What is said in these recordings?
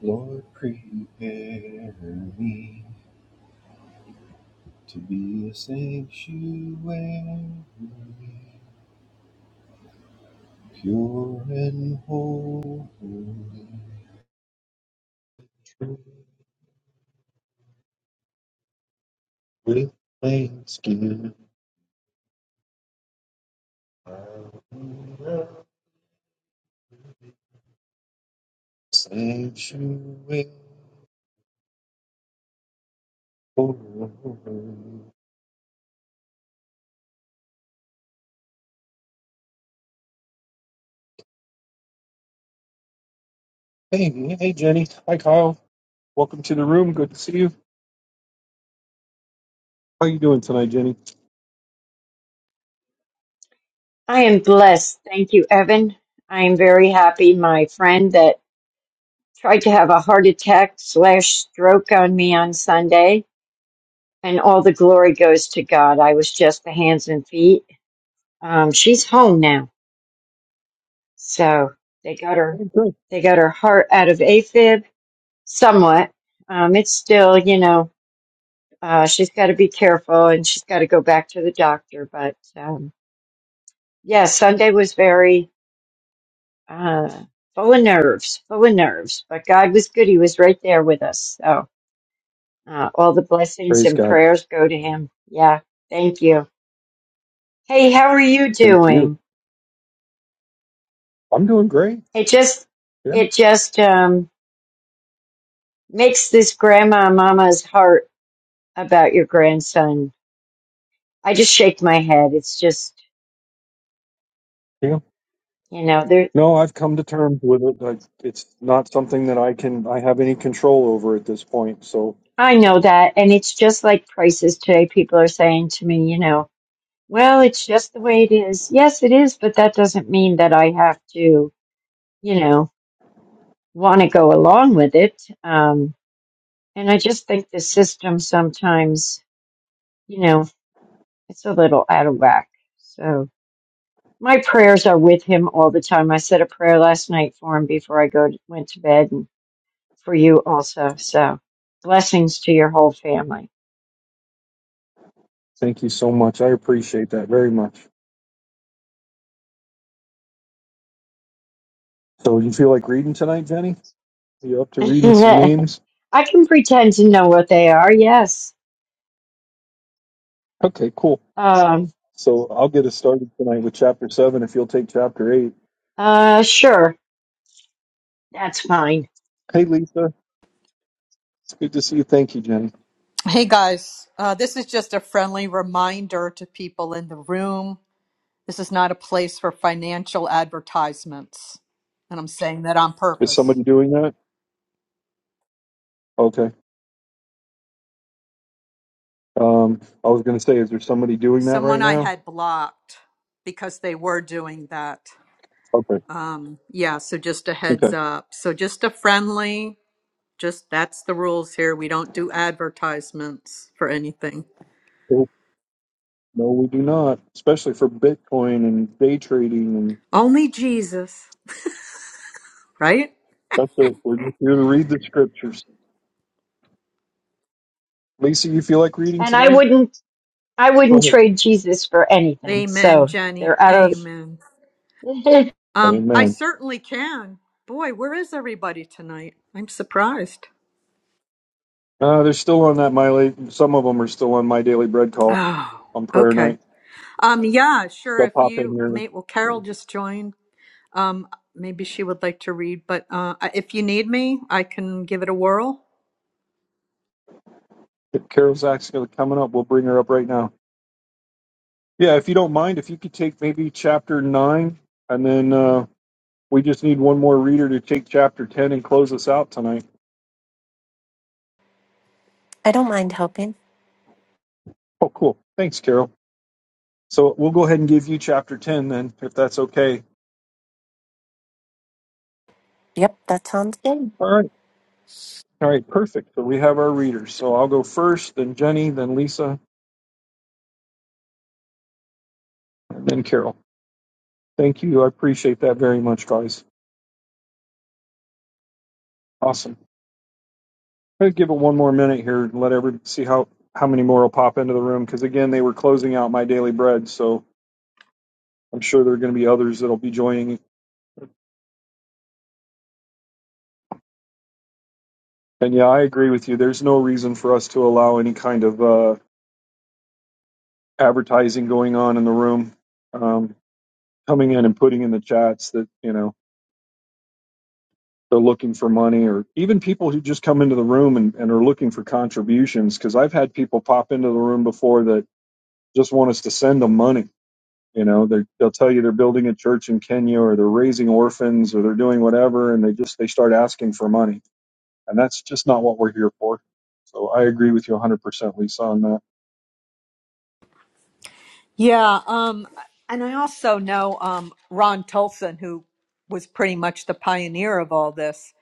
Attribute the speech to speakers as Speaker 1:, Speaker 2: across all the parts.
Speaker 1: Lord, prepare me to be a sanctuary, pure and holy, with thanksgiving. I will Sanctuary. Hey, hey, Jenny. Hi, Kyle. Welcome to the room. Good to see you. How are you doing tonight, Jenny?
Speaker 2: I am blessed. Thank you, Evan. I am very happy. My friend that tried to have a heart attack slash stroke on me on Sunday, and all the glory goes to God. I was just the hands and feet. Um, she's home now, so they got her.
Speaker 1: I'm good.
Speaker 2: They got her heart out of AFib somewhat. Um, it's still, you know, uh, she's got to be careful and she's got to go back to the doctor. But um, yeah, Sunday was very uh, full of nerves, full of nerves. But God was good. He was right there with us. So uh, all the blessings
Speaker 1: Praise
Speaker 2: and
Speaker 1: God.
Speaker 2: prayers go to him. Yeah. Thank you. Hey, how are you
Speaker 1: Thank you.
Speaker 2: doing?
Speaker 1: I'm doing great.
Speaker 2: It just, it
Speaker 1: Yeah.
Speaker 2: just um, makes this grandma and mama's heart about your grandson. I just shake my head. It's just, you know, there.
Speaker 1: No, I've come to terms with it. I, it's not something that I can I have any control over at this point. So
Speaker 2: I know that, and it's just like prices today. People are saying to me, you know, well, it's just the way it is. Yes, it is, but that doesn't mean that I have to you know, want to go along with it. Um, and I just think the system sometimes, you know, it's a little out of whack. So my prayers are with him all the time. I said a prayer last night for him before I go went to bed, and for you also. So blessings to your whole family.
Speaker 1: thank you so much. I appreciate that very much. So you feel like reading tonight, Jenny? You up to reading some names?
Speaker 2: I can pretend to know what they are. Yes.
Speaker 1: Okay, cool.
Speaker 2: Um,
Speaker 1: So I'll get us started tonight with chapter seven if you'll take chapter eight.
Speaker 2: uh, sure. That's fine.
Speaker 1: Hey Lisa, it's good to see you. Thank you, Jenny.
Speaker 3: Hey guys, uh, this is just a friendly reminder to people in the room. This is not a place for financial advertisements. And I'm saying that on
Speaker 1: Is
Speaker 3: purpose.
Speaker 1: somebody doing that? Okay. Um I was gonna say, is there somebody doing that
Speaker 3: Someone
Speaker 1: right
Speaker 3: I
Speaker 1: now?
Speaker 3: had blocked because they were doing that.
Speaker 1: Okay.
Speaker 3: Um, yeah, so just a heads
Speaker 1: Okay.
Speaker 3: up. So just a friendly, just that's the rules here. We don't do advertisements for anything,
Speaker 1: Cool. No, we do not, especially for Bitcoin and day trading
Speaker 3: only Jesus, right?
Speaker 1: That's it. We're just here to read the scriptures. Lisa, you feel like reading
Speaker 2: And I
Speaker 1: tonight?
Speaker 2: wouldn't, I
Speaker 1: Go
Speaker 2: wouldn't trade Jesus for anything.
Speaker 3: Amen,
Speaker 2: So
Speaker 3: Jenny.
Speaker 2: they're out of
Speaker 3: Amen.
Speaker 1: ahead.
Speaker 3: Um, I
Speaker 1: Amen.
Speaker 3: certainly can. Boy, where is everybody tonight? I'm surprised.
Speaker 1: Uh, they're still on that my la- some of them are still on my daily bread call
Speaker 3: Oh,
Speaker 1: on prayer
Speaker 3: okay.
Speaker 1: night.
Speaker 3: Um, yeah, sure.
Speaker 1: They'll
Speaker 3: If
Speaker 1: pop in
Speaker 3: you
Speaker 1: here.
Speaker 3: mate, well, Carol just joined. Um, maybe she would like to read, but uh, if you need me, I can give it a whirl.
Speaker 1: If Carol's actually coming up. We'll bring her up right now. Yeah, if you don't mind, if you could take maybe chapter nine, and then uh, we just need one more reader to take chapter ten and close us out tonight.
Speaker 4: I don't mind helping.
Speaker 1: Oh, cool. Thanks, Carol. So we'll go ahead and give you chapter ten then, if that's okay.
Speaker 4: Yep, that sounds good.
Speaker 1: All right. All right, perfect. So we have our readers. So I'll go first, then Jenny, then Lisa, and then Carol. Thanks. Awesome. Let's give it one more minute here and let everybody see how, how many pop into those. Again, they were closing out my daily bread, so I'm sure you're joining. And yeah, I agree with you. There's no reason for us to allow any kind of uh, advertising going on in the room, um, coming in and putting in the chats that, you know, they're looking for money or even people who just come into the room and, and are looking for contributions. Because I've had people pop into the room before that just want us to send them money You know, they they'll tell you they're building a church in Kenya or they're raising orphans or they're doing whatever, and they just they start asking for money, and that's just not what we're here for. So I agree with you 100%, Lisa, on that.
Speaker 3: Yeah. Um, and I also know um, Ron Tulson, who was pretty much the pioneer of all this.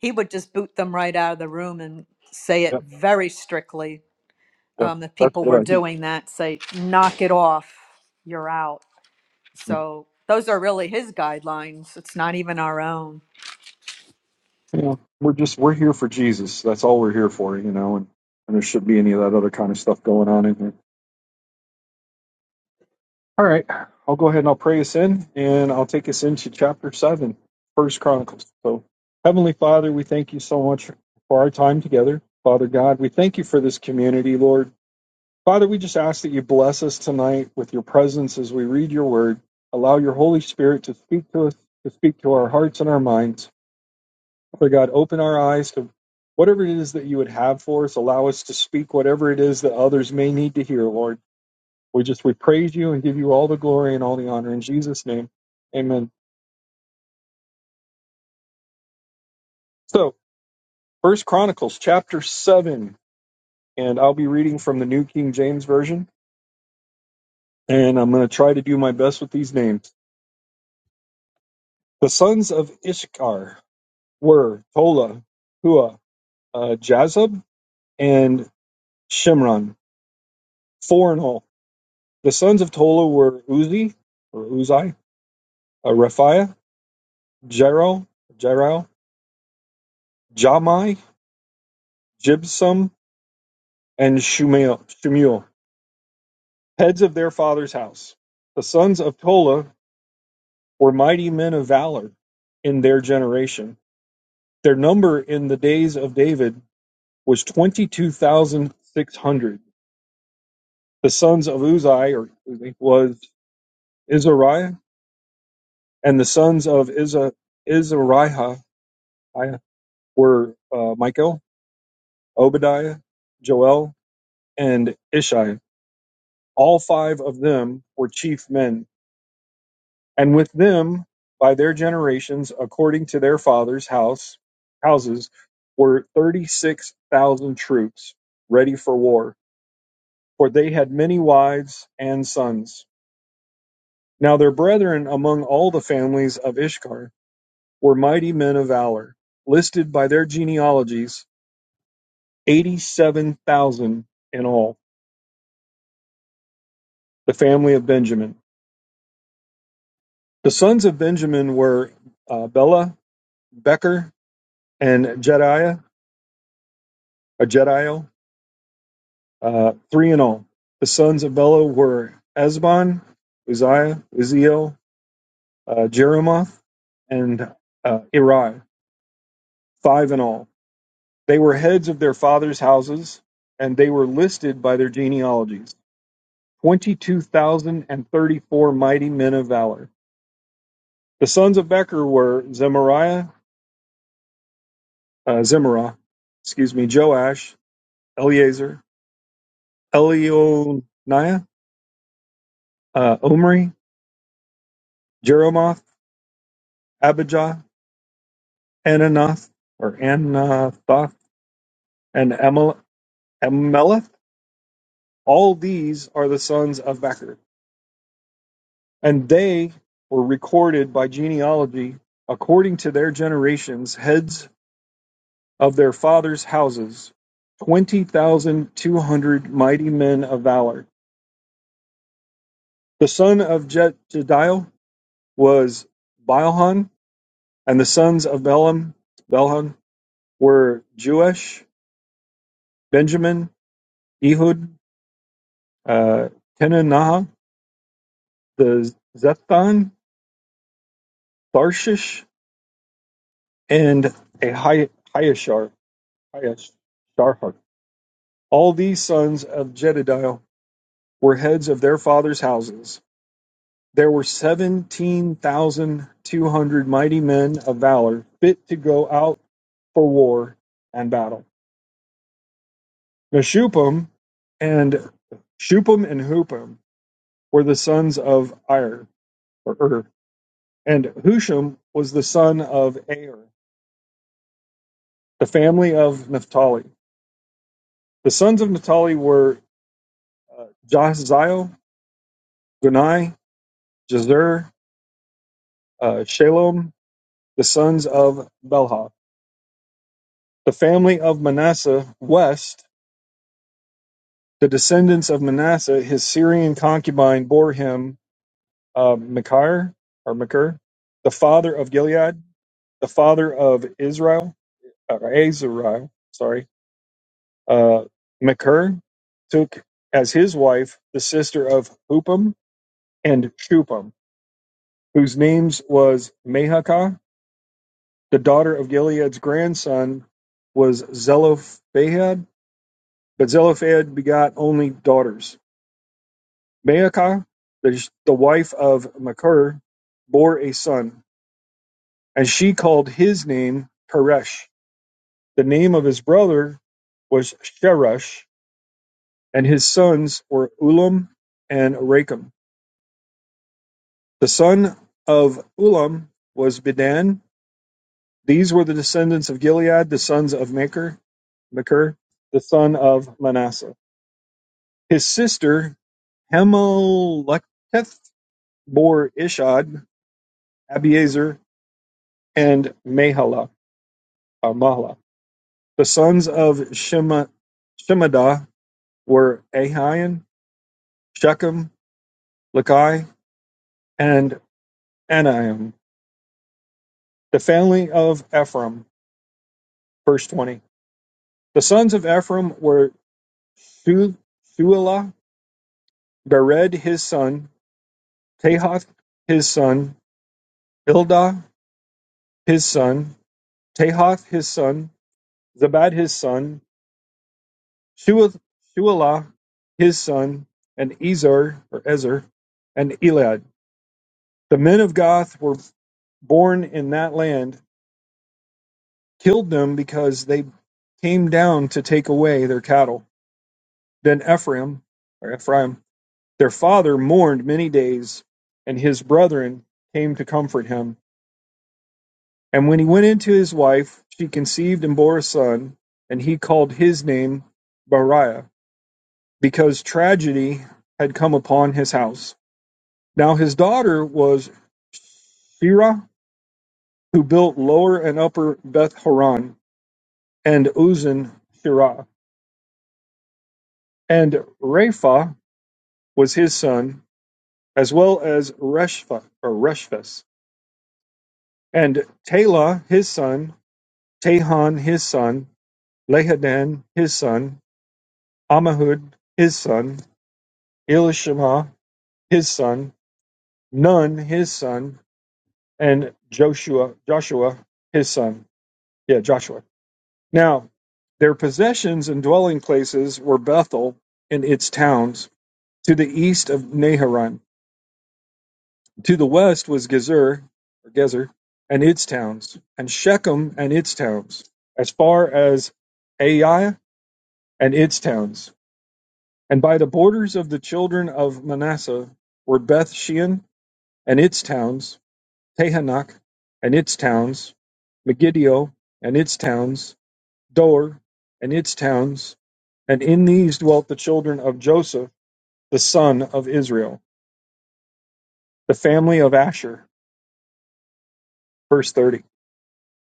Speaker 3: He would just boot them right out of the room and say it
Speaker 1: Yep,
Speaker 3: very strictly
Speaker 1: yep,
Speaker 3: um, if
Speaker 1: that's
Speaker 3: people
Speaker 1: what
Speaker 3: were
Speaker 1: I think.
Speaker 3: doing that, say, knock it off, you're out. So those are really his guidelines. It's not even our own.
Speaker 1: You know, we're just we're here for Jesus. That's all we're here for. You know, and, and there shouldn't be any of that other kind of stuff going on in here. All right, I'll go ahead and I'll pray us in, and I'll take us into chapter seven, First Chronicles. So, Heavenly Father, we thank you so much for our time together. Father God, we thank you for this community, Lord. Father, we just ask that you bless us tonight with your presence as we read your word. Allow your Holy Spirit to speak to us, to speak to our hearts and our minds. Father God, open our eyes to whatever it is that you would have for us. Allow us to speak whatever it is that others may need to hear, Lord. We just we praise you and give you all the glory and all the honor in Jesus' name. Amen. So First Chronicles chapter seven, and I'll be reading from the New King James Version, and I'm gonna try to do my best with these names. The sons of Ishkar were Tola, Hua, uh, Jazub, and Shimron, four in all. The sons of Tola were Uzi, or Uzai, uh, Raphiah, Jero, Jero, Jamai, Jibsam, and Shumael. Shemuel. heads of their father's house. The sons of Tola were mighty men of valor in their generation. Their number in the days of David was 22,600. The sons of Uzai or Uzi, was Izariah, and the sons of Iza, Izariah were uh, Michael, Obadiah, Joel, and Ishai. All five of them were chief men and with them by their generations according to their fathers' house houses were thirty six thousand troops ready for war, for they had many wives and sons. Now their brethren among all the families of Ishkar were mighty men of valor, listed by their genealogies, eighty seven thousand in all, the family of Benjamin. The sons of Benjamin were uh, Bela, Becher, and Jediah, or Jediel Uh, three in all. The sons of Bela were Esbon, Uzziah, Uziel, uh, Jeremoth, and uh, Eri. Five in all. They were heads of their fathers' houses, and they were listed by their genealogies. 22,034 mighty men of valor. The sons of Becher were Zemariah, uh, Zemarah, excuse me, Joash, Eleazar, Elionaiah, uh, Omri, Jeremoth, Abijah, Ananoth or Anathoth and Emel- Emeleth. All these are the sons of Becher, and they were recorded by genealogy according to their generations, heads of their fathers' houses, twenty thousand two hundred mighty men of valor. The son of Je- Jediel was Bilhan, and the sons of Belham, Belhan were Jewesh, Benjamin, Ehud, uh, Kenanaha, the Zephon, Barshish, and a Hi- Hiashar. Hiasharhar. All these sons of Jedidiah were heads of their fathers' houses. There were seventeen thousand two hundred mighty men of valor, fit to go out for war and battle. Meshupam and Shupam and Hupam were the sons of Ir or Ur, and Husham was the son of Aer, the family of Naphtali. The sons of Naphtali were uh, Jahziel, Gunai, Jezer, uh, Shalom, the sons of Belha. The family of Manasseh west, the descendants of Manasseh, his Syrian concubine bore him uh, Machir, or Machir, the father of Gilead, the father of Israel, or Azariel, sorry. Uh, Machir took as his wife the sister of Hupam and Shupam, whose names was Mahakah The daughter of Gilead's grandson was Zelophehad, but Zelophehad begot only daughters. Maacah, the, the wife of Machir, bore a son, and she called his name Peresh. The name of his brother was Sheresh, and his sons were Ulam and Rakem. The son of Ulam was Bedan. These were the descendants of Gilead, the sons of Machir, Machir the son of Manasseh. His sister Hameleketh bore Ishad Abiezer, and Mahalah. The sons of Shema, Shemadah were Ahian, Shechem, Lekai, and Anaim. The family of Ephraim, verse 20. The sons of Ephraim were Shu- Shuelah, Bered his son, Tahath his son, Ildah his son, Tahath his son, Zabad his son, Shualah his son, and Ezer or Ezer, and Elad. The men of Goth were born in that land, killed them because they came down to take away their cattle. Then Ephraim or Ephraim, their father mourned many days, and his brethren came to comfort him. And when he went into his wife, she conceived and bore a son, and he called his name Bariah, because tragedy had come upon his house. Now his daughter was Shirah, who built Lower and Upper Beth Horon and Uzan Shirah. And Rapha was his son, as well as Reshpha or Reshphas. And Tela his son, Tahan his son, Lahadan his son, Ammihud his son, Elishama his son, Nun his son, and Joshua Joshua his son. Yeah, Joshua Now, their possessions and dwelling places were Bethel and its towns, to the east of Naharan. To the west was Gezer, or Gezer, and its towns, and Shechem and its towns, as far as Ai and its towns. And by the borders of the children of Manasseh were Beth Shean and its towns, Tehanach and its towns, Megiddo and its towns, Dor, and its towns, and in these dwelt the children of Joseph, the son of Israel, the family of Asher. Verse 30.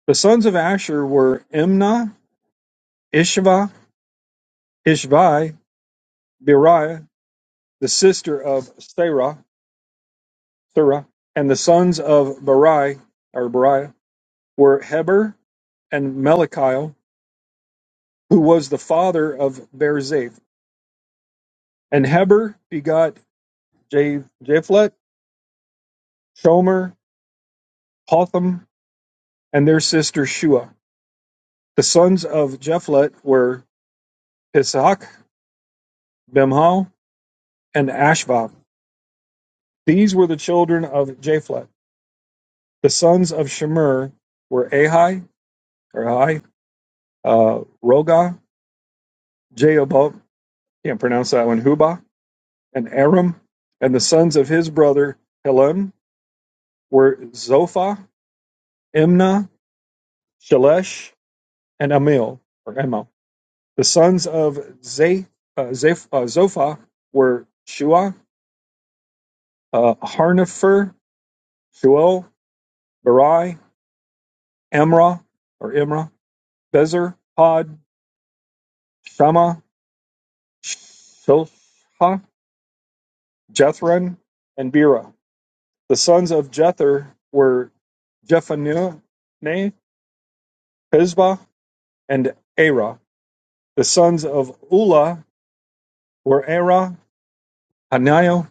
Speaker 1: The sons of Asher were Imnah, Ishva, Ishvi, Beriah, the sister of Sarah, Sarah, and the sons of Beri, or Beriah, were Heber and Melikiel, who was the father of Berzaph. And Heber begot Japh- Shomer, Hotham, and their sister Shua. The sons of Japhet were Pishach, Bimhal, and Ashvath; these were the children of Japhet. The sons of Shemer were Ahi, or Ahi, uh, Roga, Jeobot, can't pronounce that one, Hubah, and Aram. And the sons of his brother Helem were Zophah, Imnah, Shelesh, and Amil, or Emil. The sons of Ze, uh, Zeph, uh, Zophah were Shua, uh, Harnefer, Shuel. Barai, Amra or Imra, Bezer, Pod, Shama, Shilha, Jethron, and Bera. The sons of Jether were Jephaneh, Pisbah, and Era. The sons of Ula were Era, Hanio,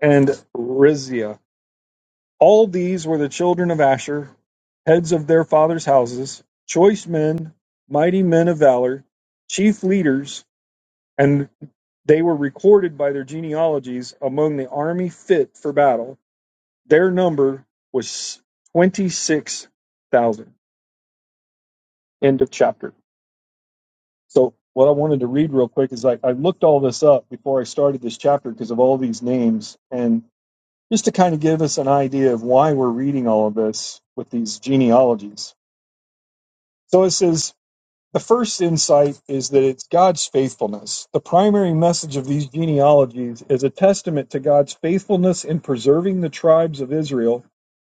Speaker 1: and Rizia. All these were the children of Asher, heads of their fathers' houses, choice men, mighty men of valor, chief leaders, and they were recorded by their genealogies among the army fit for battle. Their number was 26,000. End of chapter. So, what I wanted to read real quick is I, I looked all this up before I started this chapter because of all these names, and just to kind of give us an idea of why we're reading all of this with these genealogies. So it says The first insight is that it's God's faithfulness. The primary message of these genealogies is a testament to God's faithfulness in preserving the tribes of Israel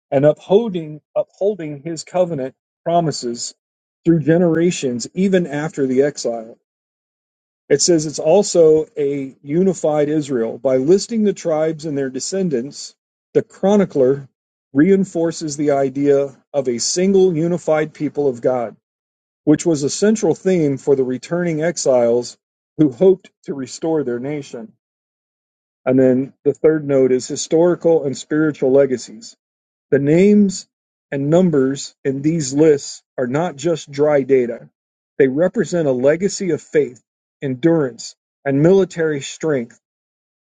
Speaker 1: and upholding upholding his covenant promises through generations even after the exile. It says it's also a unified Israel by listing the tribes and their descendants. The chronicler reinforces the idea of a single unified people of God which was a central theme for the returning exiles who hoped to restore their nation. And then the third note is historical and spiritual legacies. The names and numbers in these lists are not just dry data, they represent a legacy of faith, endurance, and military strength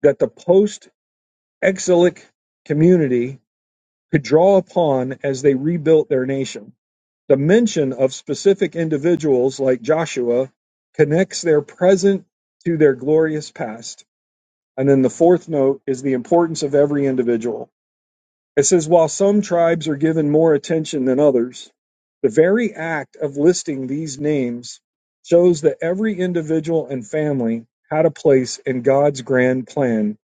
Speaker 1: that the post exilic community could draw upon as they rebuilt their nation. The mention of specific individuals like Joshua connects their present to their glorious past. And then the fourth note is the importance of every individual. It says, while some tribes are given more attention than others, the very act of listing these names shows that every individual and family had a place in God's grand plan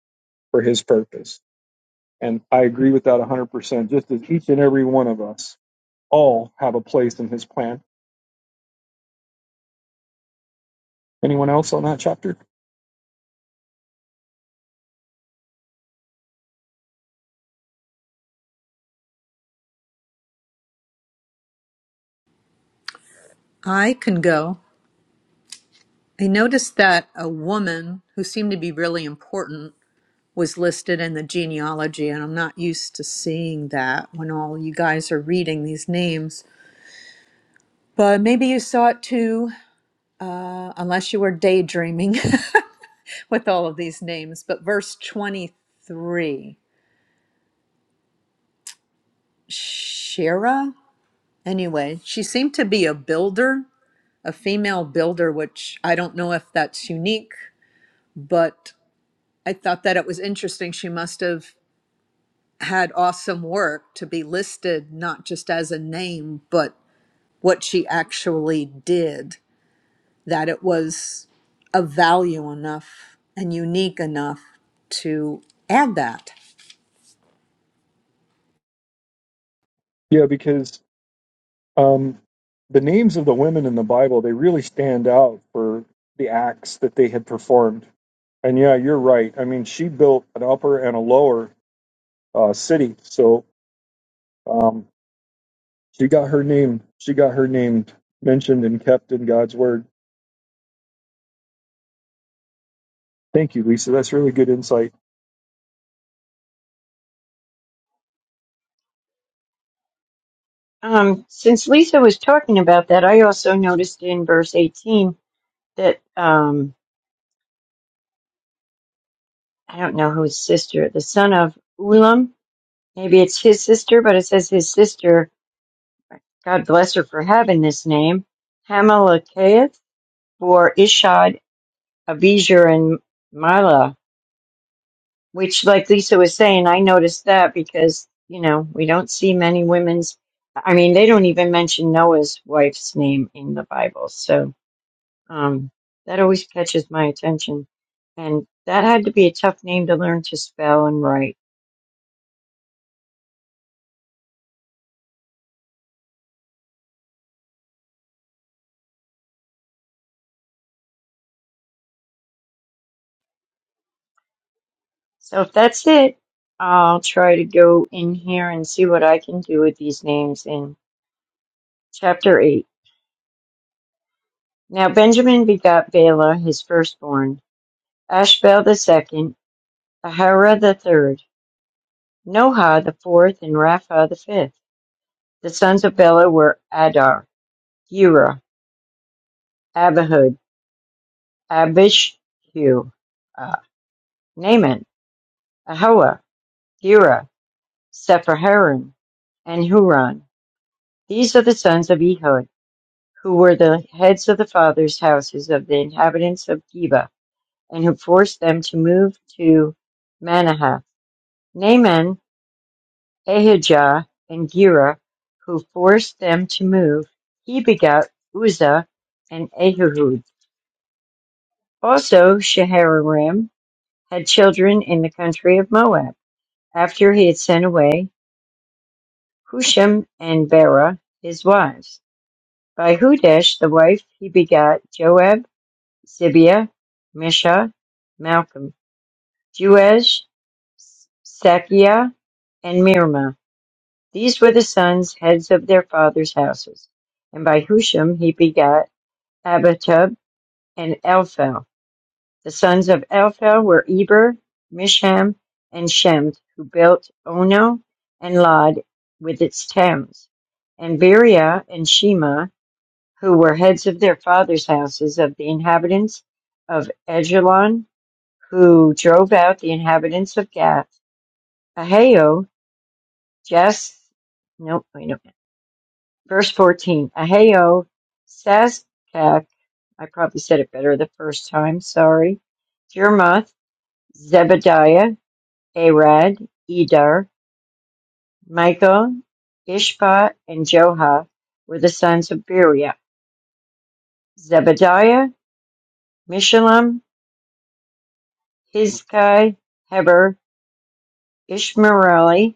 Speaker 1: for his purpose. And I agree with that 100%, just as each and every one of us all have a place in his plan Anyone else on that chapter?
Speaker 3: I can go. I noticed that a woman who seemed to be really important was listed in the genealogy, and I'm not used to seeing that when all you guys are reading these names. But maybe you saw it too, uh, unless you were daydreaming with all of these names. But verse 23 Shera? Anyway, she seemed to be a builder, a female builder, which I don't know if that's unique, but I thought that it was interesting. She must have had awesome work to be listed, not just as a name, but what she actually did, that it was of value enough and unique enough to add that.
Speaker 1: Yeah, because um, the names of the women in the Bible they really stand out for the acts that they had performed. And yeah, you're right. I mean, she built an upper and a lower uh, city, so um, she got her name. She got her name mentioned and kept in God's word. Thank you, Lisa. That's really good insight.
Speaker 2: um, since Lisa was talking about that, I also noticed in verse 18 that um, I don't know whose sister, the son of Ulam, maybe it's his sister, but it says his sister, God bless her for having this name, Hamalakaeth, for Ishad, Abijah, and Mila, which, like Lisa was saying, I noticed that because, you know, we don't see many women's. I mean, they don't even mention Noah's wife's name in the Bible, so. Um, that always catches my attention. And that had to be a tough name to learn to spell and write. So if that's it, I'll try to go in here and see what I can do with these names in chapter 8. Now Benjamin begot Bela, his firstborn, Ashbel the second, Ahara the third, Noha the fourth, and Rapha the fifth. The sons of Bela were Adar, Gera, Abihud, Abishhu, uh, Naaman, Ahoa. Gera, Sepharaim, and Huran. These are the sons of Ehud, who were the heads of the fathers' houses of the inhabitants of Geba, and who forced them to move to Manahath. Naaman, Ahijah, and Gera, who forced them to move, he begot Uzzah and Ahihud. Also, Shaharaim had children in the country of Moab, after he had sent away Husham and Berah, his wives. By Hudesh the wife he begat Joab, Zibiah, Mesha, Malcolm, Jeush, Sakiah, and Mirmah. These were the sons, heads of their fathers' houses. And by Husham he begat Abitub and Elphel. The sons of Elphel were Eber, Misham, and Shemd, who built Ono and Lod with its towns, and Beria and Shema, who were heads of their fathers' houses, of the inhabitants of Ajalon, who drove out the inhabitants of Gath. Ahio, Jas, nope, wait a minute. Verse 14. Ahio, Saskak, I probably said it better the first time, sorry. Jermoth, Zebadiah, Arad, Edar, Michael, Ishpa, and Joha were the sons of Beria. Zebadiah, Mishalem, Hizkai, Heber, Ishmaeli,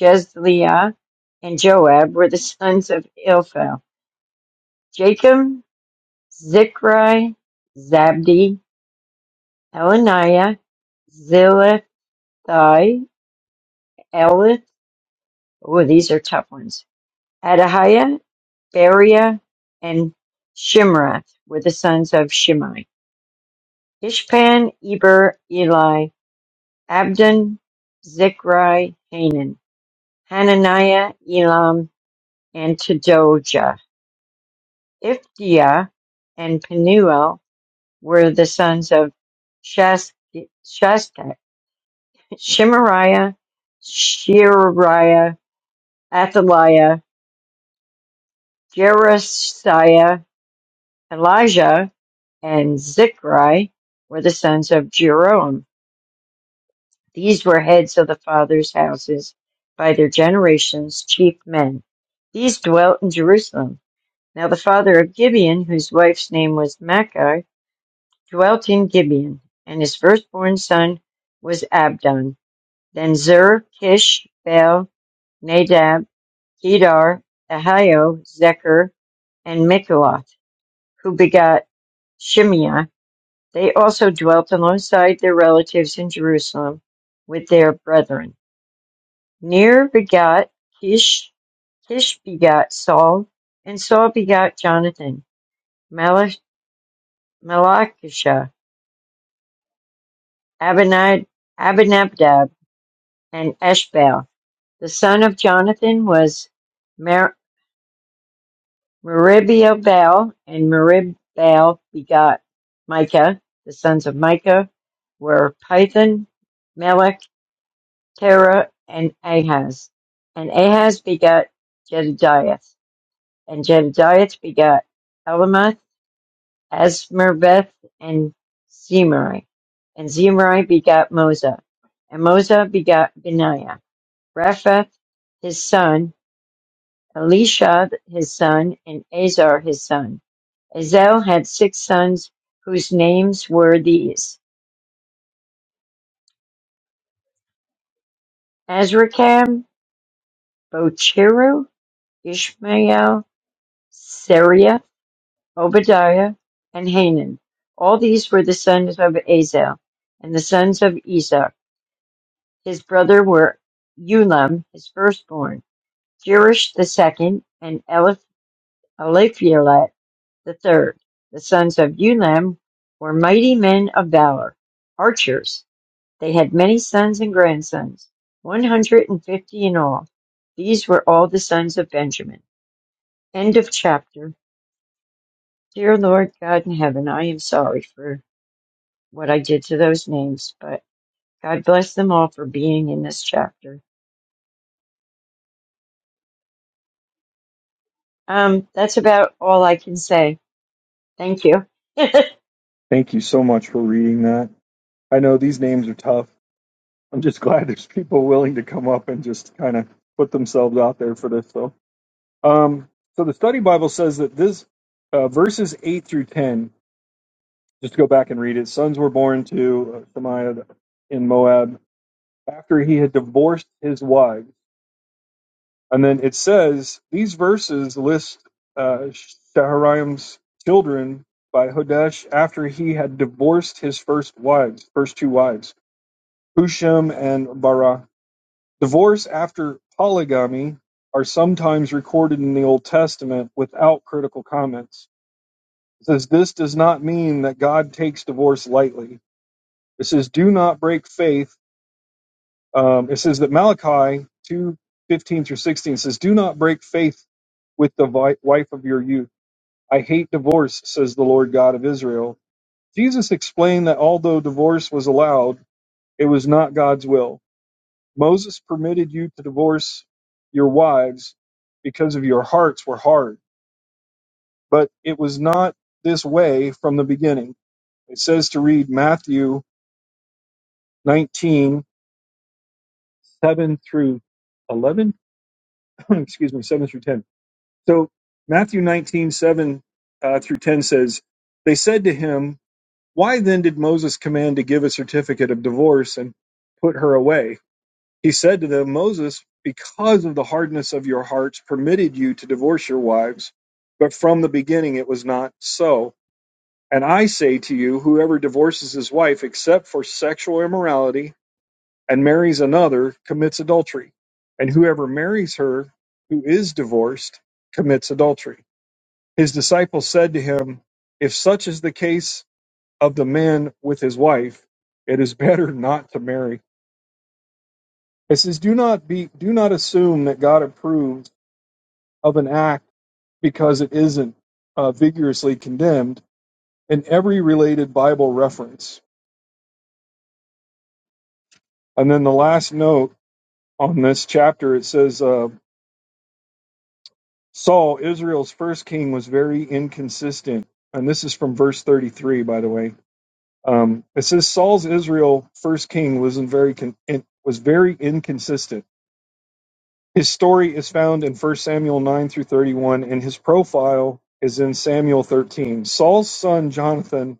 Speaker 2: Jezliah, and Joab were the sons of Eliphel. Jacob, Zichri, Zabdi, Elaniah, Zilithai, Elith, oh, these are tough ones, Adahiah, Beriah, and Shimrath were the sons of Shimei. Ishpan, Eber, Eli, Abdon, Zichri, Hanan, Hananiah, Elam, and Tedoja. Iftia and Penuel were the sons of Shas- Shastak, Shemariah, Sheariah, Athaliah, Jerasiah, Elijah, and Zichri were the sons of Jeroam. These were heads of the fathers' houses by their generations, chief men. These dwelt in Jerusalem. Now the father of Gibeon, whose wife's name was Maachah, dwelt in Gibeon, and his firstborn son was Abdon. Then Zer, Kish, Baal, Nadab, Kedar, Ahio, Zechar, and Mikloth, who begot Shimeah. They also dwelt alongside their relatives in Jerusalem with their brethren. Ner begot Kish, Kish begot Saul, and Saul begot Jonathan, Malach- Malachishah, Abinadab, and Eshbal. The son of Jonathan was Mer- Meribaal, and Meribaal begot Micah. The sons of Micah were Python, Melech, Terah, and Ahaz. And Ahaz begot Jedidiah, and Jedidiah begot Elamath, Asmerbeth, and Zemari. And Zemari begot Moza, and Moza begot Benaiah. Raphath, his son, Elishab his son, and Azar his son. Azel had six sons whose names were these Azrikam, Bocheru, Ishmael, Sariah, Obadiah, and Hanan. All these were the sons of Azel, and the sons of Esau. His brother were Ulam, his firstborn, Jerish the second, and Eliph- Eliphelet The third, the sons of Ulam were mighty men of valor, archers. They had many sons and grandsons, one hundred and fifty in all. These were all the sons of Benjamin. End of chapter. Dear Lord God in heaven, I am sorry for what I did to those names, but God bless them all for being in this chapter. Um, that's about all I can say. Thank you.
Speaker 1: Thank you so much for reading that. I know these names are tough. I'm just glad there's people willing to come up and just kind of put themselves out there for this, though. Um, so the study Bible says that this uh, verses eight through ten. Just go back and read it. Sons were born to uh, Shemaiah in Moab after he had divorced his wives, and then it says these verses list uh, Shaharaim's children by Hodesh after he had divorced his first wives, first two wives, Husham and Bara. Divorce after polygamy are sometimes recorded in the Old Testament without critical comments It says this does not mean that God takes divorce lightly. It says do not break faith. Um, it says that Malachi two fifteen through sixteen says do not break faith with the vi- wife of your youth. I hate divorce, says the Lord God of Israel. Jesus explained that although divorce was allowed, it was not God's will. Moses permitted you to divorce your wives because of your hearts were hard, but it was not this way from the beginning. It says to read Matthew 19 7 through 11. Excuse me, 7 through 10. So Matthew 19 7 uh, through 10 says, They said to him, Why then did Moses command to give a certificate of divorce and put her away? He said to them, Moses, because of the hardness of your hearts, permitted you to divorce your wives. But from the beginning it was not so. And I say to you, whoever divorces his wife except for sexual immorality and marries another commits adultery. And whoever marries her who is divorced commits adultery. His disciples said to him, If such is the case of the man with his wife, it is better not to marry. It says, Do not be do not assume that God approves of an act because it isn't uh, vigorously condemned in every related Bible reference. And then the last note on this chapter, it says, uh, Saul, Israel's first king, was very inconsistent. And this is from verse 33, by the way. Um, it says Saul's Israel first king was in very con- in- was very inconsistent. His story is found in 1 Samuel 9 through 31, and his profile is in Samuel 13. Saul's son Jonathan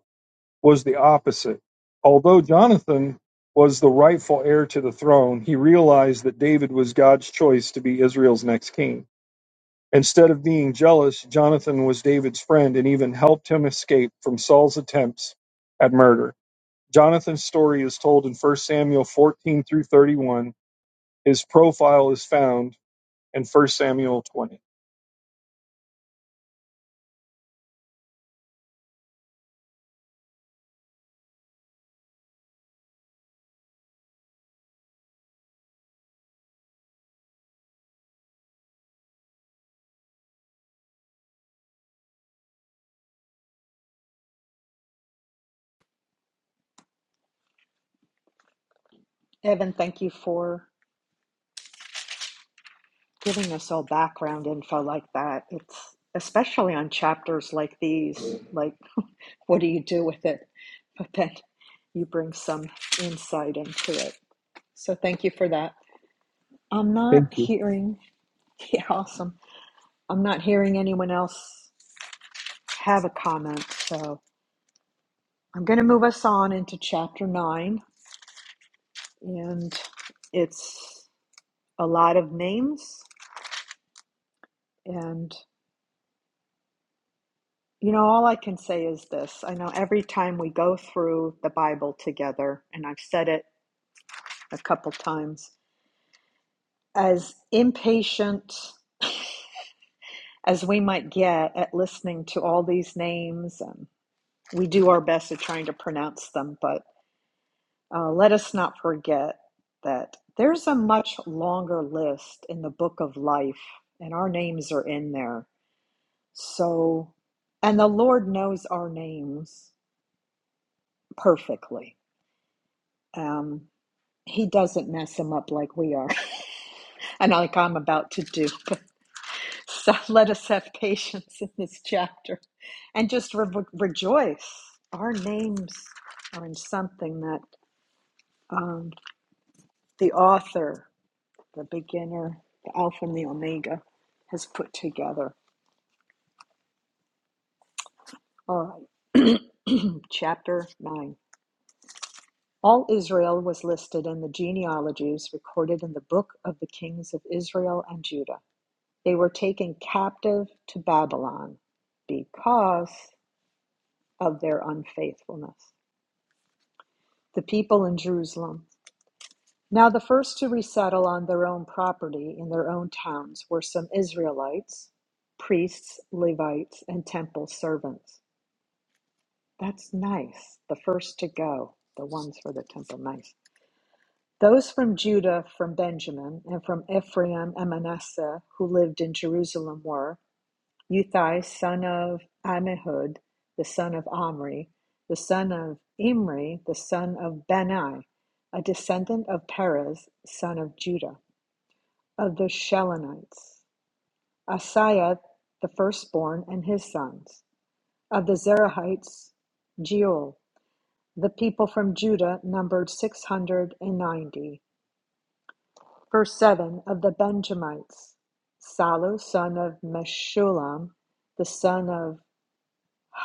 Speaker 1: was the opposite. Although Jonathan was the rightful heir to the throne, he realized that David was God's choice to be Israel's next king. Instead of being jealous, Jonathan was David's friend and even helped him escape from Saul's attempts at murder. Jonathan's story is told in First Samuel 14 through 31. His profile is found in First Samuel 20.
Speaker 3: Evan, thank you for giving us all background info like that. It's especially on chapters like these. like. what do you do with it? But then you bring some insight into it. So thank you for that. I'm not
Speaker 1: Thank you.
Speaker 3: hearing, yeah, awesome. I'm not hearing anyone else have a comment. So I'm going to move us on into chapter nine. And it's a lot of names. And, you know, all I can say is this I know every time we go through the Bible together, and I've said it a couple times, as impatient as we might get at listening to all these names. And we do our best at trying to pronounce them, but uh, let us not forget that there's a much longer list in the book of life, and our names are in there. So, and the Lord knows our names perfectly. Um, he doesn't mess them up like we are, and like I'm about to do. So let us have patience in this chapter and just re- rejoice. Our names are in something that um, the author, the beginner, the Alpha and the Omega, has put together. All right, chapter 9. All Israel was listed in the genealogies recorded in the book of the kings of Israel and Judah. They were taken captive to Babylon because of their unfaithfulness. The people in Jerusalem Now the first to resettle on their own property in their own towns were some Israelites, priests, Levites, and temple servants. That's nice. The first to go, the ones for the temple, nice. Those from Judah, from Benjamin, and from Ephraim and Manasseh who lived in Jerusalem were Uthai, son of Amihud, the son of Omri, the son of Imri, the son of Benai, a descendant of Perez, son of Judah. of the Shilonites, Asaiah the firstborn and his sons. Of the Zerahites, Jeuel. The people from Judah numbered 690. Verse 7 of the Benjamites, Salu, son of Meshulam, the son of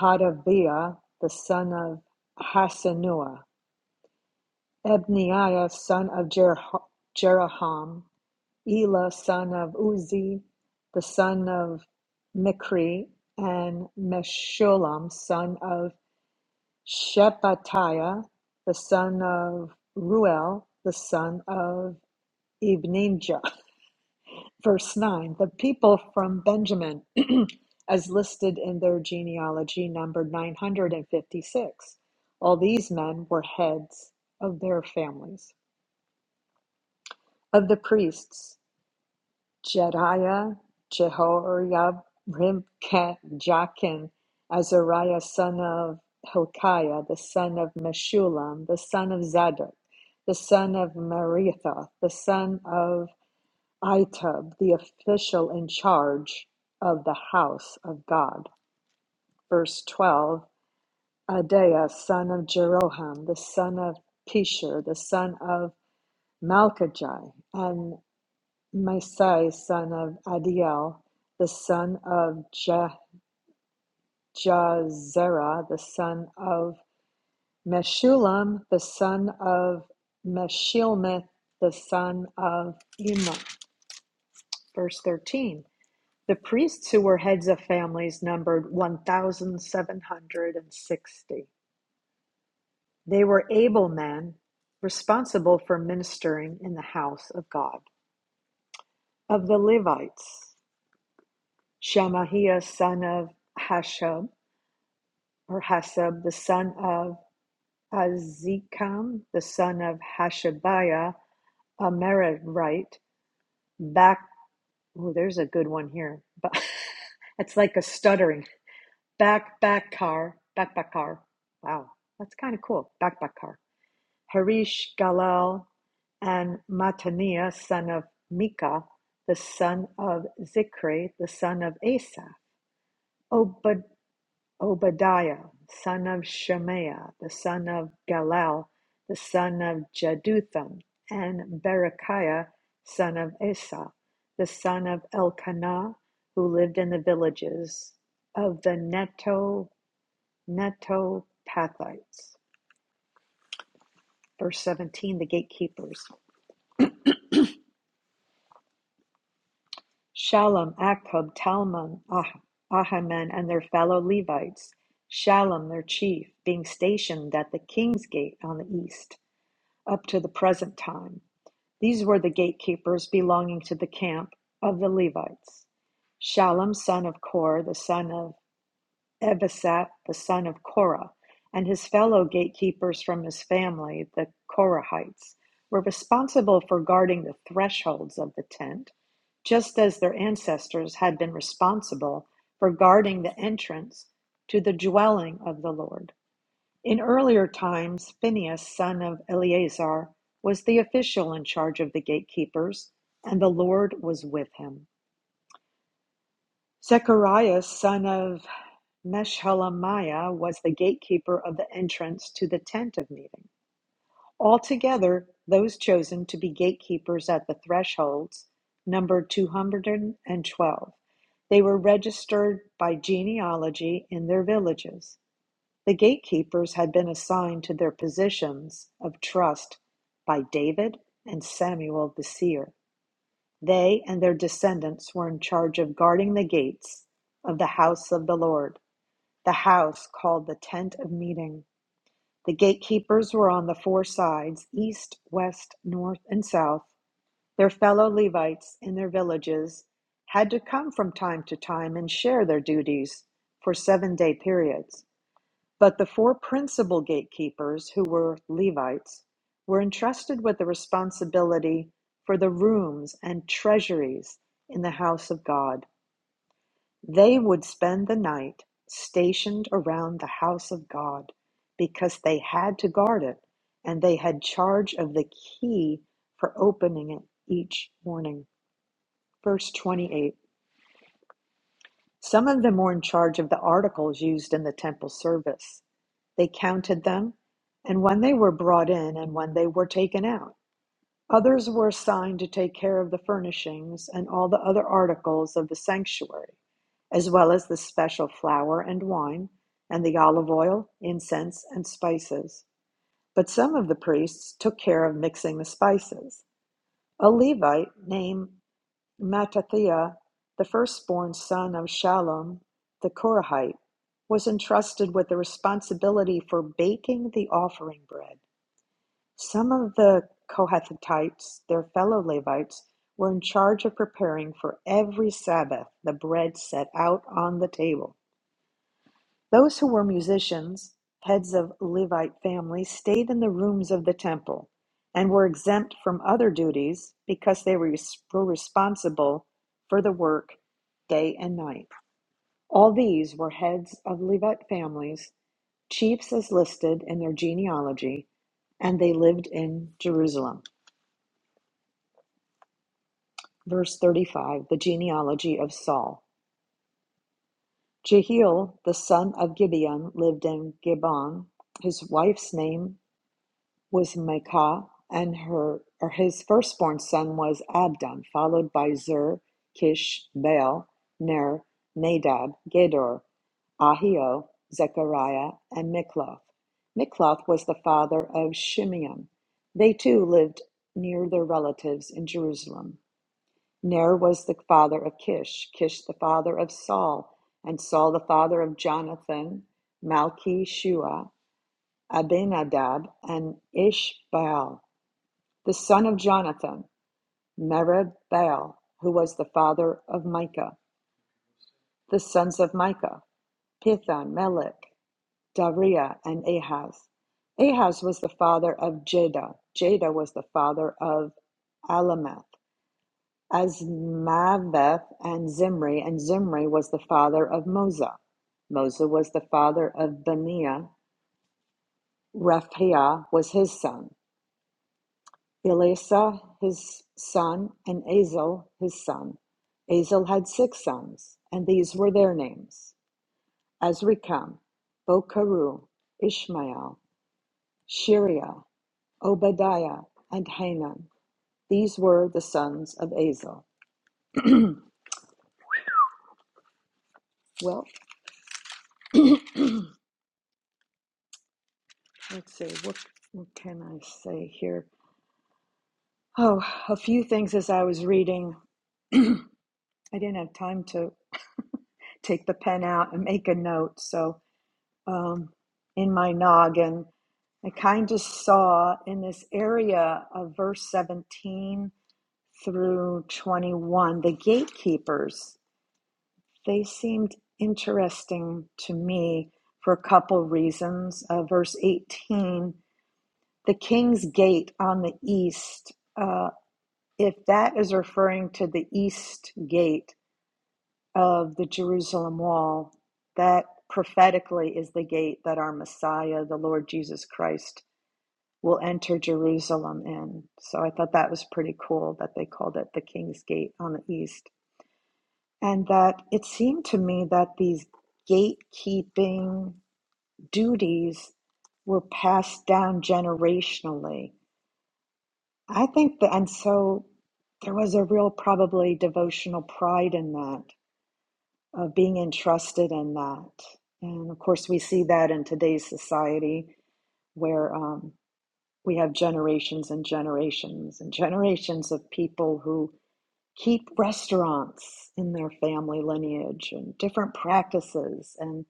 Speaker 3: Hadaviah, the son of Hasanua, Ebniah, son of Jer- Jeraham, Elah son of Uzi, the son of Mikri, and Meshullam son of Shephatiah, the son of Ruel, the son of Ibninjah. Verse 9 The people from Benjamin, as listed in their genealogy, numbered 956. All these men were heads of their families. Of the priests, Jediah, Jehoiarib, Ribkah, Jachin, Azariah son of Hilkiah, the son of Meshulam, the son of Zadok, the son of Maritha, the son of Itub, the official in charge of the house of God. Verse 12 Adaiah, son of Jeroham, the son of Pishur, the son of Malchijah, and Maasai son of Adiel, the son of Ja- Jahzerah, the son of Meshullam, the son of Meshilmith, the son of Immer. Verse 13. The priests who were heads of families numbered 1,760. They were able men responsible for ministering in the house of God. Of the Levites, Shemahiah son of Hashab, or Hasab, the son of Azikam, the son of Hashabiah, a Merarite, back. Oh, there's a good one here. But It's like a stuttering. Back, back car, back, back car. Wow, that's kind of cool. Back, back car. Harish, Galal, and Mataniah, son of Micah, the son of Zikri, the son of Asaph. Obad Obadiah, son of Shemaiah, the son of Galal, the son of Jeduthun, and Berechiah, son of Asa, the son of Elkanah, who lived in the villages of the Neto Netopathites. Verse 17, the gatekeepers. Shalom, Akub, Talmon, Ah- Ahiman, and their fellow Levites, Shalom, their chief, being stationed at the king's gate on the east. up to the present time. These were the gatekeepers belonging to the camp of the Levites. Shallum, son of Kor, the son of Ebasaph, the son of Korah, and his fellow gatekeepers from his family, the Korahites, were responsible for guarding the thresholds of the tent, just as their ancestors had been responsible for guarding the entrance to the dwelling of the Lord. In earlier times, Phinehas, son of Eleazar, was the official in charge of the gatekeepers, and the Lord was with him. Zechariah, son of Meshelemiah, was the gatekeeper of the entrance to the tent of meeting. Altogether, those chosen to be gatekeepers at the thresholds numbered 212. They were registered by genealogy in their villages. The gatekeepers had been assigned to their positions of trust by David and Samuel the seer. They and their descendants were in charge of guarding the gates of the house of the Lord, the house called the tent of meeting. The gatekeepers were on the four sides east, west, north, and south. Their fellow Levites in their villages had to come from time to time and share their duties for seven day periods. But the four principal gatekeepers, who were Levites, were entrusted with the responsibility for the rooms and treasuries in the house of God. They would spend the night stationed around the house of God because they had to guard it and they had charge of the key for opening it each morning. Verse 28 Some of them were in charge of the articles used in the temple service. They counted them, and when they were brought in and when they were taken out. Others were assigned to take care of the furnishings and all the other articles of the sanctuary, as well as the special flour and wine, and the olive oil, incense, and spices. But some of the priests took care of mixing the spices. A Levite named Mattathiah, the firstborn son of Shallum the Korahite, was entrusted with the responsibility for baking the offering bread. Some of the Kohathites, their fellow Levites, were in charge of preparing for every Sabbath the bread set out on the table. Those who were musicians, heads of Levite families, stayed in the rooms of the temple and were exempt from other duties because they were were responsible for the work day and night. All these were heads of Levite families, chiefs as listed in their genealogy, and they lived in Jerusalem. Verse 35 The genealogy of Saul. Jehiel, the son of Gibeon, lived in Gibeon. His wife's name was Maacah, and her or his firstborn son was Abdon, followed by Zur, Kish, Baal, Ner, Nadab, Gedor, Ahio, Zechariah, and Mikloth. Mikloth was the father of Shimeam. They too lived near their relatives in Jerusalem. Ner was the father of Kish, Kish the father of Saul, and Saul the father of Jonathan, Malchi Shua, Abinadab, and Ishbaal the son of Jonathan, Mered Baal, who was the father of Micah. The sons of Micah, Pithon, Melech, Dariah, and Ahaz. Ahaz was the father of Jada. Jada was the father of Alameth, Azmaveth, and Zimri, and Zimri was the father of Moza. Moza was the father of Benia. Raphiah was his son. Elasa his son and Azel his son. Azel had six sons, and these were their names: Azrikam, Bokeru, Ishmael, Shiriah, Obadiah, and Hanan. These were the sons of Azel. Well, let's see, what, what can I say here? Oh, a few things as I was reading. I didn't have time to take the pen out and make a note, so um, in my noggin, I kind of saw in this area of verse 17 through 21, the gatekeepers, they seemed interesting to me for a couple reasons. Uh, verse 18, the king's gate on the east, uh, if that is referring to the east gate, of the Jerusalem wall, that prophetically is the gate that our Messiah, the Lord Jesus Christ, will enter Jerusalem in. So I thought that was pretty cool that they called it the King's Gate on the east. And that it seemed to me that these gatekeeping duties were passed down generationally. I think that, and so there was a real probably devotional pride in that of being entrusted in that. And of course, we see that in today's society where um, we have generations and generations and generations of people who keep restaurants in their family lineage and different practices. And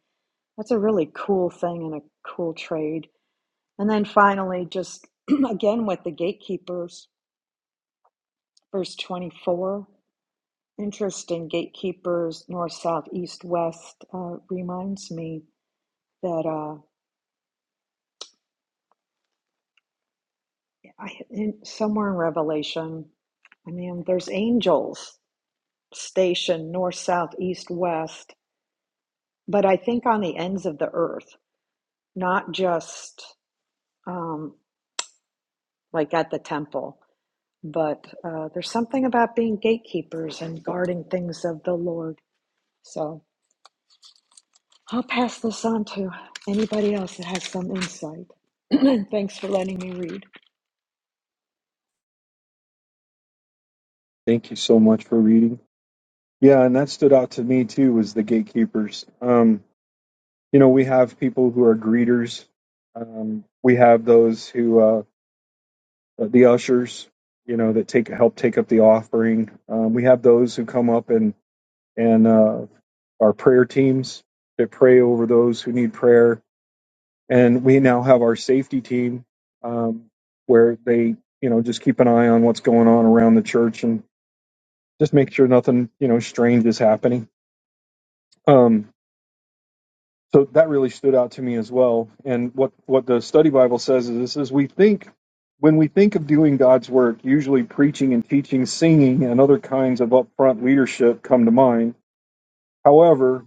Speaker 3: that's a really cool thing and a cool trade. And then finally, just again with the gatekeepers, verse 24. Interesting gatekeepers, north, south, east, west, uh, reminds me that uh, I, in, somewhere in Revelation, I mean, there's angels stationed north, south, east, west, but I think on the ends of the earth, not just um, like at the temple, but uh, there's something about being gatekeepers and guarding things of the Lord. So I'll pass this on to anybody else that has some insight. Thanks for letting me read.
Speaker 1: Thank you so much for reading. Yeah, and that stood out to me too was the gatekeepers. Um, you know, we have people who are greeters. Um, we have those who uh, the ushers, you know, that take help take up the offering. Um, we have those who come up and and uh, our prayer teams that pray over those who need prayer. And we now have our safety team um, where they, you know, just keep an eye on what's going on around the church and just make sure nothing, you know, strange is happening. Um, so that really stood out to me as well. And what, what the study Bible says is this is we think when we think of doing God's work, usually preaching and teaching, singing, and other kinds of upfront leadership come to mind. However,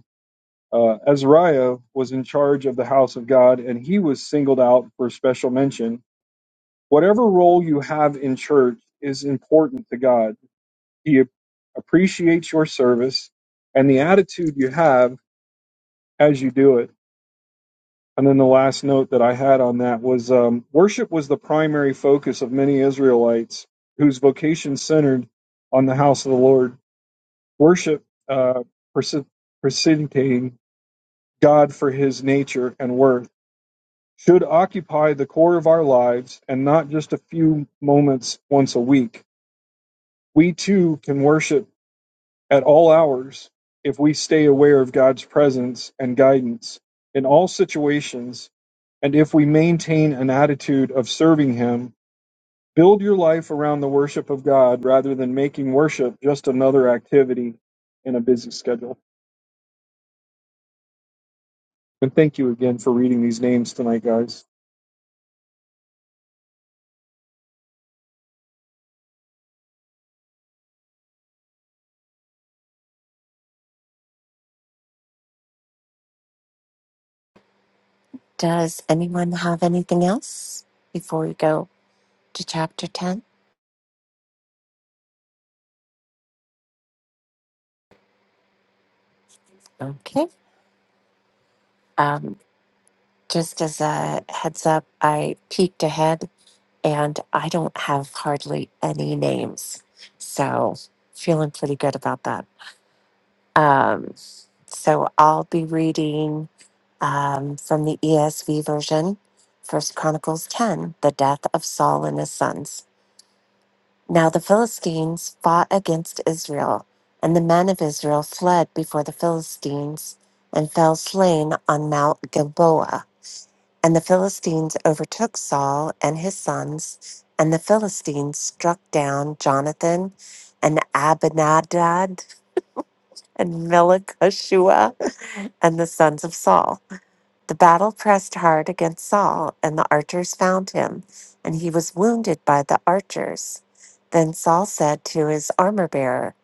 Speaker 1: Uh, Azariah was in charge of the house of God, and he was singled out for special mention. Whatever role you have in church is important to God. He appreciates your service and the attitude you have as you do it. And then the last note that I had on that was um, worship was the primary focus of many Israelites whose vocation centered on the house of the Lord. Worship uh, preci- precipitating God for his nature and worth. should occupy the core of our lives and not just a few moments once a week. We too can worship at all hours if we stay aware of God's presence and guidance in all situations and if we maintain an attitude of serving Him. Build your life around the worship of God rather than making worship just another activity in a busy schedule. And thank you again for reading these names tonight, guys.
Speaker 4: Does anyone have anything else before we go to chapter 10? Okay. Um, just as a heads up, I peeked ahead and I don't have hardly any names. So, feeling pretty good about that. Um, so, I'll be reading um, from the ESV version, First Chronicles 10, the death of Saul and his sons. Now the Philistines fought against Israel, and the men of Israel fled before the Philistines and fell slain on Mount Gilboa. And the Philistines overtook Saul and his sons, and the Philistines struck down Jonathan and Abinadab and Melchishua and the sons of Saul. The battle pressed hard against Saul, and the archers found him, and he was wounded by the archers. Then Saul said to his armor bearer,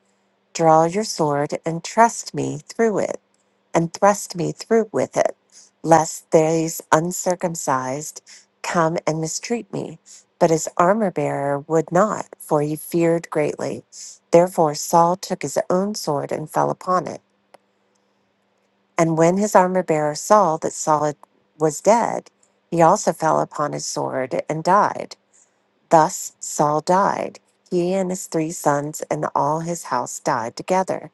Speaker 4: Draw your sword and thrust me through it, and thrust me through with it, lest these uncircumcised come and mistreat me. But his armor bearer would not, for he feared greatly. Therefore Saul took his own sword and fell upon it. And when his armor bearer saw that Saul was dead, he also fell upon his sword and died. Thus Saul died. He and his three sons and all his house died together.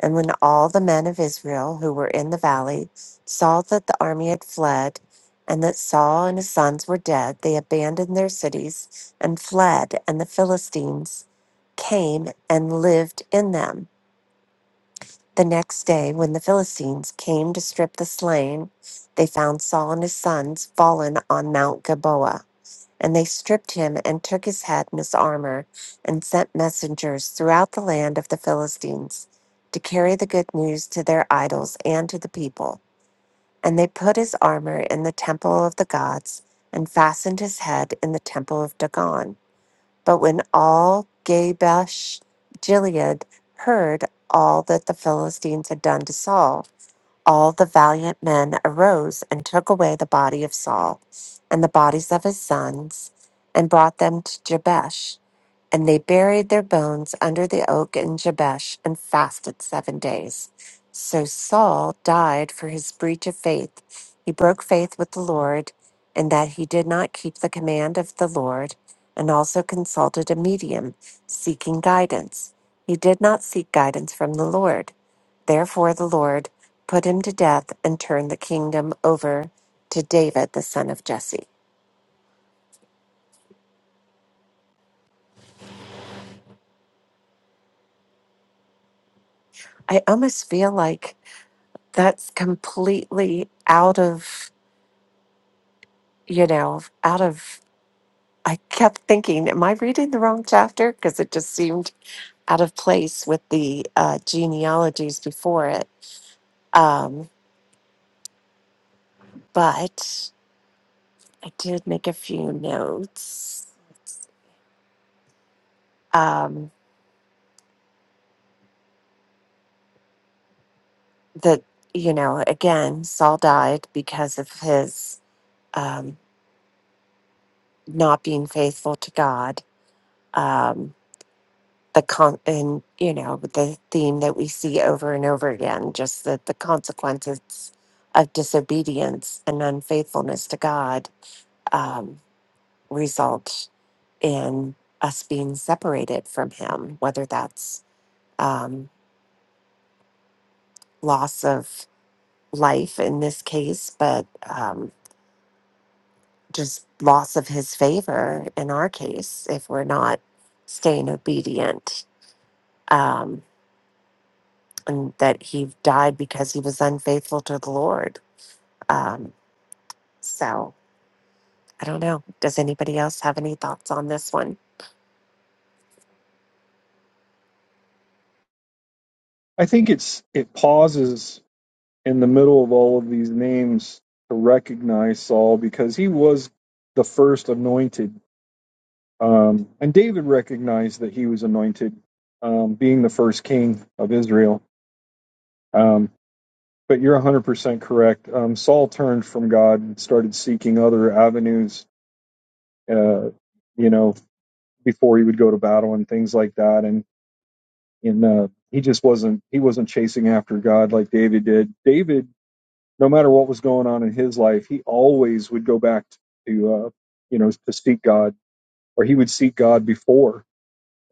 Speaker 4: And when all the men of Israel who were in the valley saw that the army had fled, and that Saul and his sons were dead, they abandoned their cities and fled, and the Philistines came and lived in them. The next day, when the Philistines came to strip the slain, they found Saul and his sons fallen on Mount Gilboa. And they stripped him and took his head and his armor and sent messengers throughout the land of the Philistines to carry the good news to their idols and to the people. And they put his armor in the temple of the gods and fastened his head in the temple of Dagon. But when all Gabash Gilead heard all that the Philistines had done to Saul, all the valiant men arose and took away the body of Saul and the bodies of his sons and brought them to Jabesh. And they buried their bones under the oak in Jabesh and fasted seven days. So Saul died for his breach of faith. He broke faith with the Lord, in that he did not keep the command of the Lord, and also consulted a medium, seeking guidance. He did not seek guidance from the Lord. Therefore, the Lord put him to death and turned the kingdom over to David, the son of Jesse. I almost feel like that's completely out of you know out of i kept thinking am i reading the wrong chapter because it just seemed out of place with the uh, genealogies before it um, but i did make a few notes um, that you know again saul died because of his um, not being faithful to god Um, the con and you know with the theme that we see over and over again just that the consequences of disobedience and unfaithfulness to god um, result in us being separated from him whether that's um, loss of life in this case but um, just loss of his favor in our case if we're not staying obedient um, and that he died because he was unfaithful to the lord Um, so I don't know. Does anybody else have any thoughts on this one?
Speaker 1: I think it's it pauses in the middle of all of these names to recognize Saul because he was the first anointed. Um, and David recognized that he was anointed, um, being the first king of Israel. Um, but you're 100% correct. Um, Saul turned from God and started seeking other avenues, uh, you know, before he would go to battle and things like that. And, and uh, he just wasn't he wasn't chasing after God like David did. David no matter what was going on in his life, he always would go back to, uh, you know, to seek God, or he would seek God before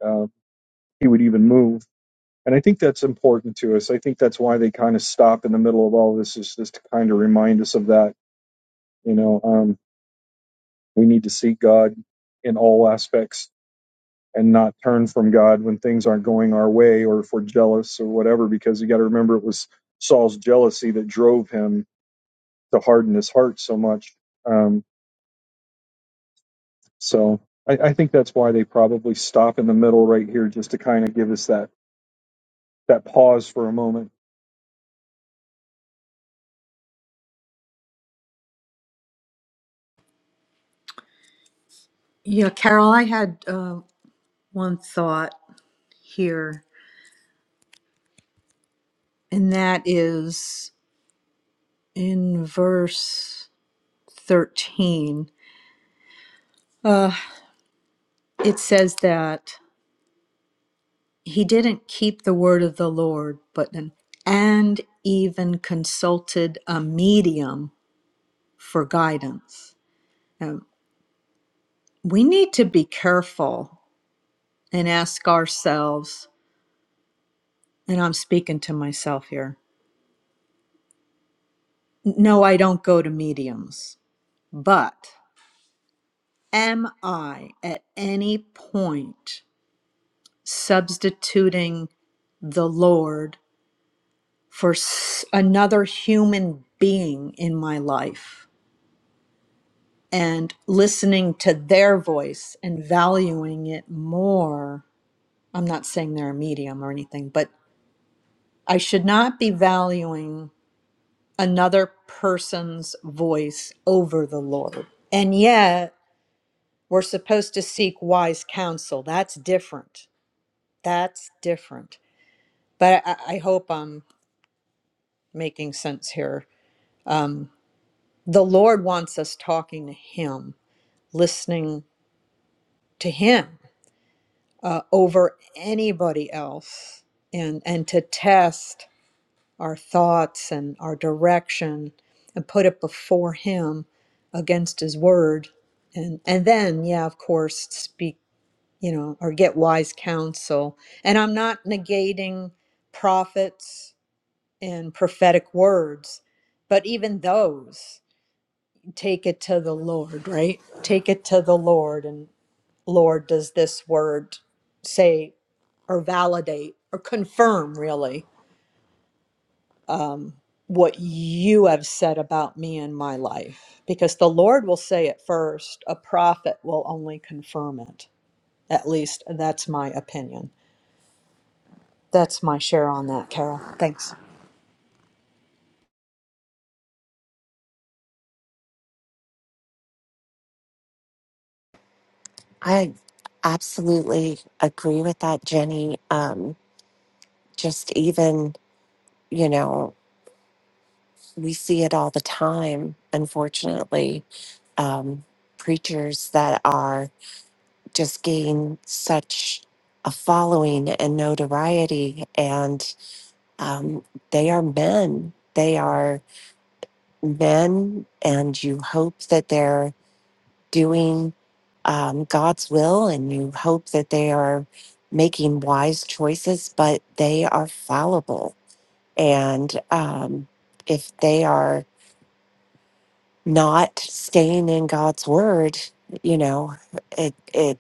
Speaker 1: uh, he would even move. And I think that's important to us. I think that's why they kind of stop in the middle of all this, is just to kind of remind us of that. You know, um, we need to seek God in all aspects and not turn from God when things aren't going our way or if we're jealous or whatever, because you got to remember it was Saul's jealousy that drove him to harden his heart so much. Um, So I, I think that's why they probably stop in the middle right here just to kind of give us that that pause for a moment.
Speaker 3: Yeah, Carol, I had uh, one thought here, and that is. in verse 13, uh, it says that he didn't keep the word of the Lord, but an, and even consulted a medium for guidance. Um, we need to be careful and ask ourselves, and I'm speaking to myself here. No, I don't go to mediums, but am I at any point substituting the Lord for s- another human being in my life and listening to their voice and valuing it more. I'm not saying they're a medium or anything, but I should not be valuing another person's voice over the Lord. And yet, we're supposed to seek wise counsel. That's different. That's different. But I, I hope I'm making sense here. Um, the Lord wants us talking to Him listening to him uh, over anybody else and and to test our thoughts and our direction and put it before him against his word and and then yeah of course speak you know or get wise counsel and i'm not negating prophets and prophetic words but even those take it to the lord right take it to the lord and. Lord, does this word say or validate or confirm really what you have said about me and my life? Because the Lord will say it first, a prophet will only confirm it. At least that's my opinion. That's my share on that, Carol. Thanks.
Speaker 4: I absolutely agree with that, Jenny. Um, just even, you know, we see it all the time, unfortunately. Um, preachers that are just gain such a following and notoriety, and um, they are men. They are men, and you hope that they're doing um, God's will and you hope that they are making wise choices, but they are fallible. And um, if they are not staying in God's word, you know, it, it's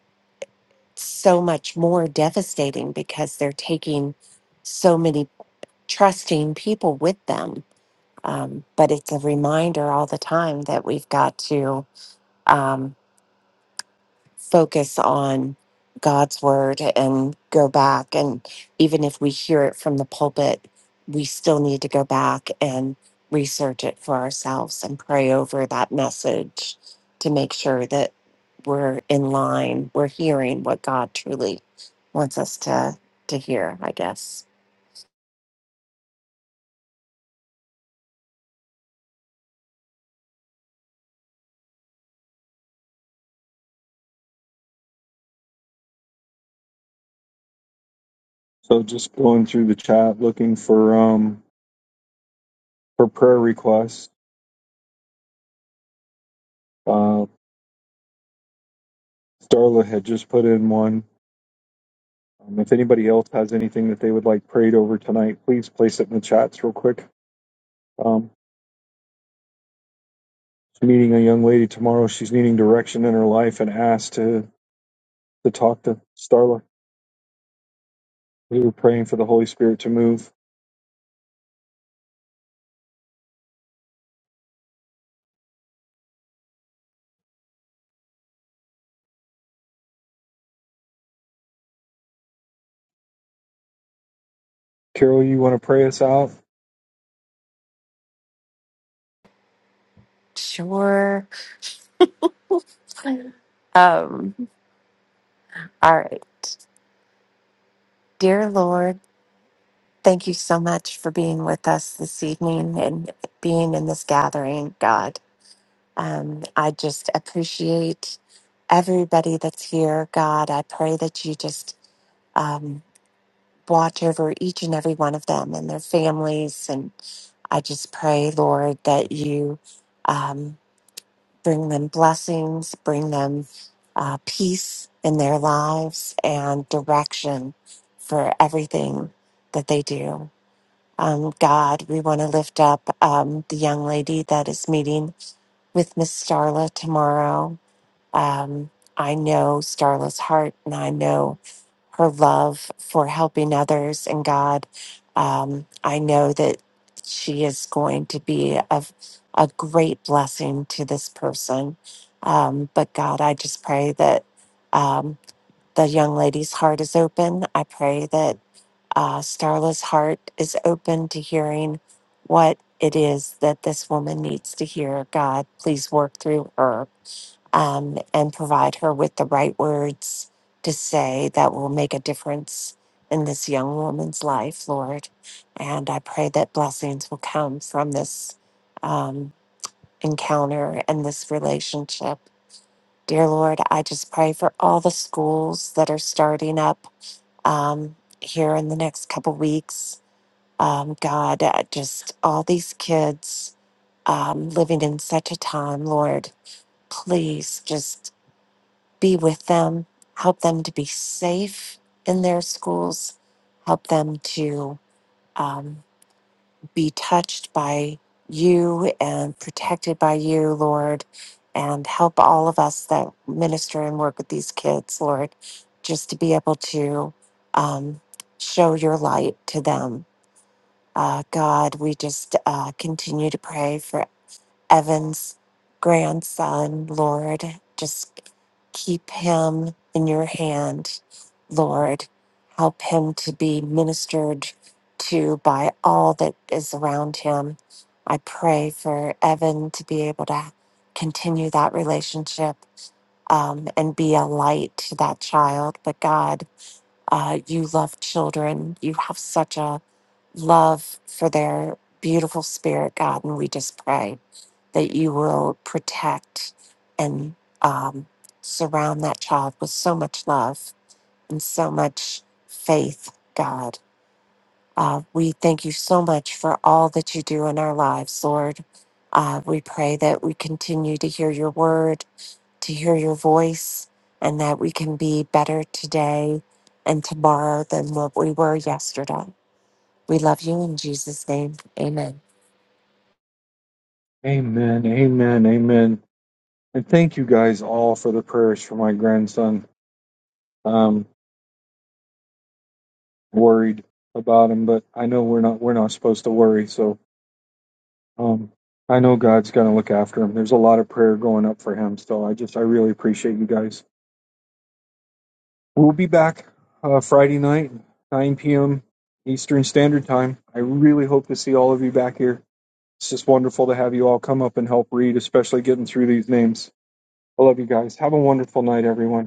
Speaker 4: so much more devastating because they're taking so many trusting people with them. Um, but it's a reminder all the time that we've got to. um, focus on God's word and go back. And even if we hear it from the pulpit, we still need to go back and research it for ourselves and pray over that message to make sure that we're in line, we're hearing what God truly wants us to to hear, I guess.
Speaker 1: So just going through the chat looking for um for prayer requests. Uh, Starla had just put in one. Um, if anybody else has anything that they would like prayed over tonight, please place it in the chats real quick. Um, she's meeting a young lady tomorrow. She's needing direction in her life and asked to to talk to Starla. We were praying for the Holy Spirit to move. Carol, you want to pray us out?
Speaker 4: Sure. Um, all right. Dear Lord, Thank you so much for being with us this evening and being in this gathering, God. Um, I just appreciate everybody that's here, God. I pray that you just um, watch over each and every one of them and their families. And I just pray, Lord, that you um, bring them blessings, bring them uh, peace in their lives, and direction for everything that they do. Um, God, we want to lift up um, the young lady that is meeting with Miss Starla tomorrow. Um, I know Starla's heart and I know her love for helping others. And God, um, I know that she is going to be of a great blessing to this person. Um, but God, I just pray that um, the young lady's heart is open. I pray that uh, Starla's heart is open to hearing what it is that this woman needs to hear. God, please work through her um, and provide her with the right words to say that will make a difference in this young woman's life, Lord. And I pray that blessings will come from this um, encounter and this relationship. Dear Lord, I just pray for all the schools that are starting up um, here in the next couple weeks. Um, God, uh, just all these kids um, living in such a time, Lord, please just be with them. Help them to be safe in their schools. Help them to um, be touched by you and protected by you, Lord. And help all of us that minister and work with these kids, Lord, just to be able to um, show your light to them uh, God, we just uh, continue to pray for Evan's grandson, Lord. Just keep him in your hand, Lord. Help him to be ministered to by all that is around him. I pray for Evan to be able to continue that relationship um, and be a light to that child. But God, uh, you love children. You have such a love for their beautiful spirit, God. And we just pray that you will protect and um, surround that child with so much love and so much faith, God. Uh, we thank you so much for all that you do in our lives, Lord. Uh, we pray that we continue to hear your word, to hear your voice, and that we can be better today and tomorrow than what we were yesterday. We love you in Jesus' name. Amen.
Speaker 1: Amen. Amen. Amen. And thank you guys all for the prayers for my grandson. Um, worried about him, but I know we're not we're not supposed to worry. So um, I know God's going to look after him. There's a lot of prayer going up for him. So I just I really appreciate you guys. We'll be back uh, Friday night, 9 p.m. Eastern Standard Time. I really hope to see all of you back here. It's just wonderful to have you all come up and help read, especially getting through these names. I love you guys. Have a wonderful night, everyone.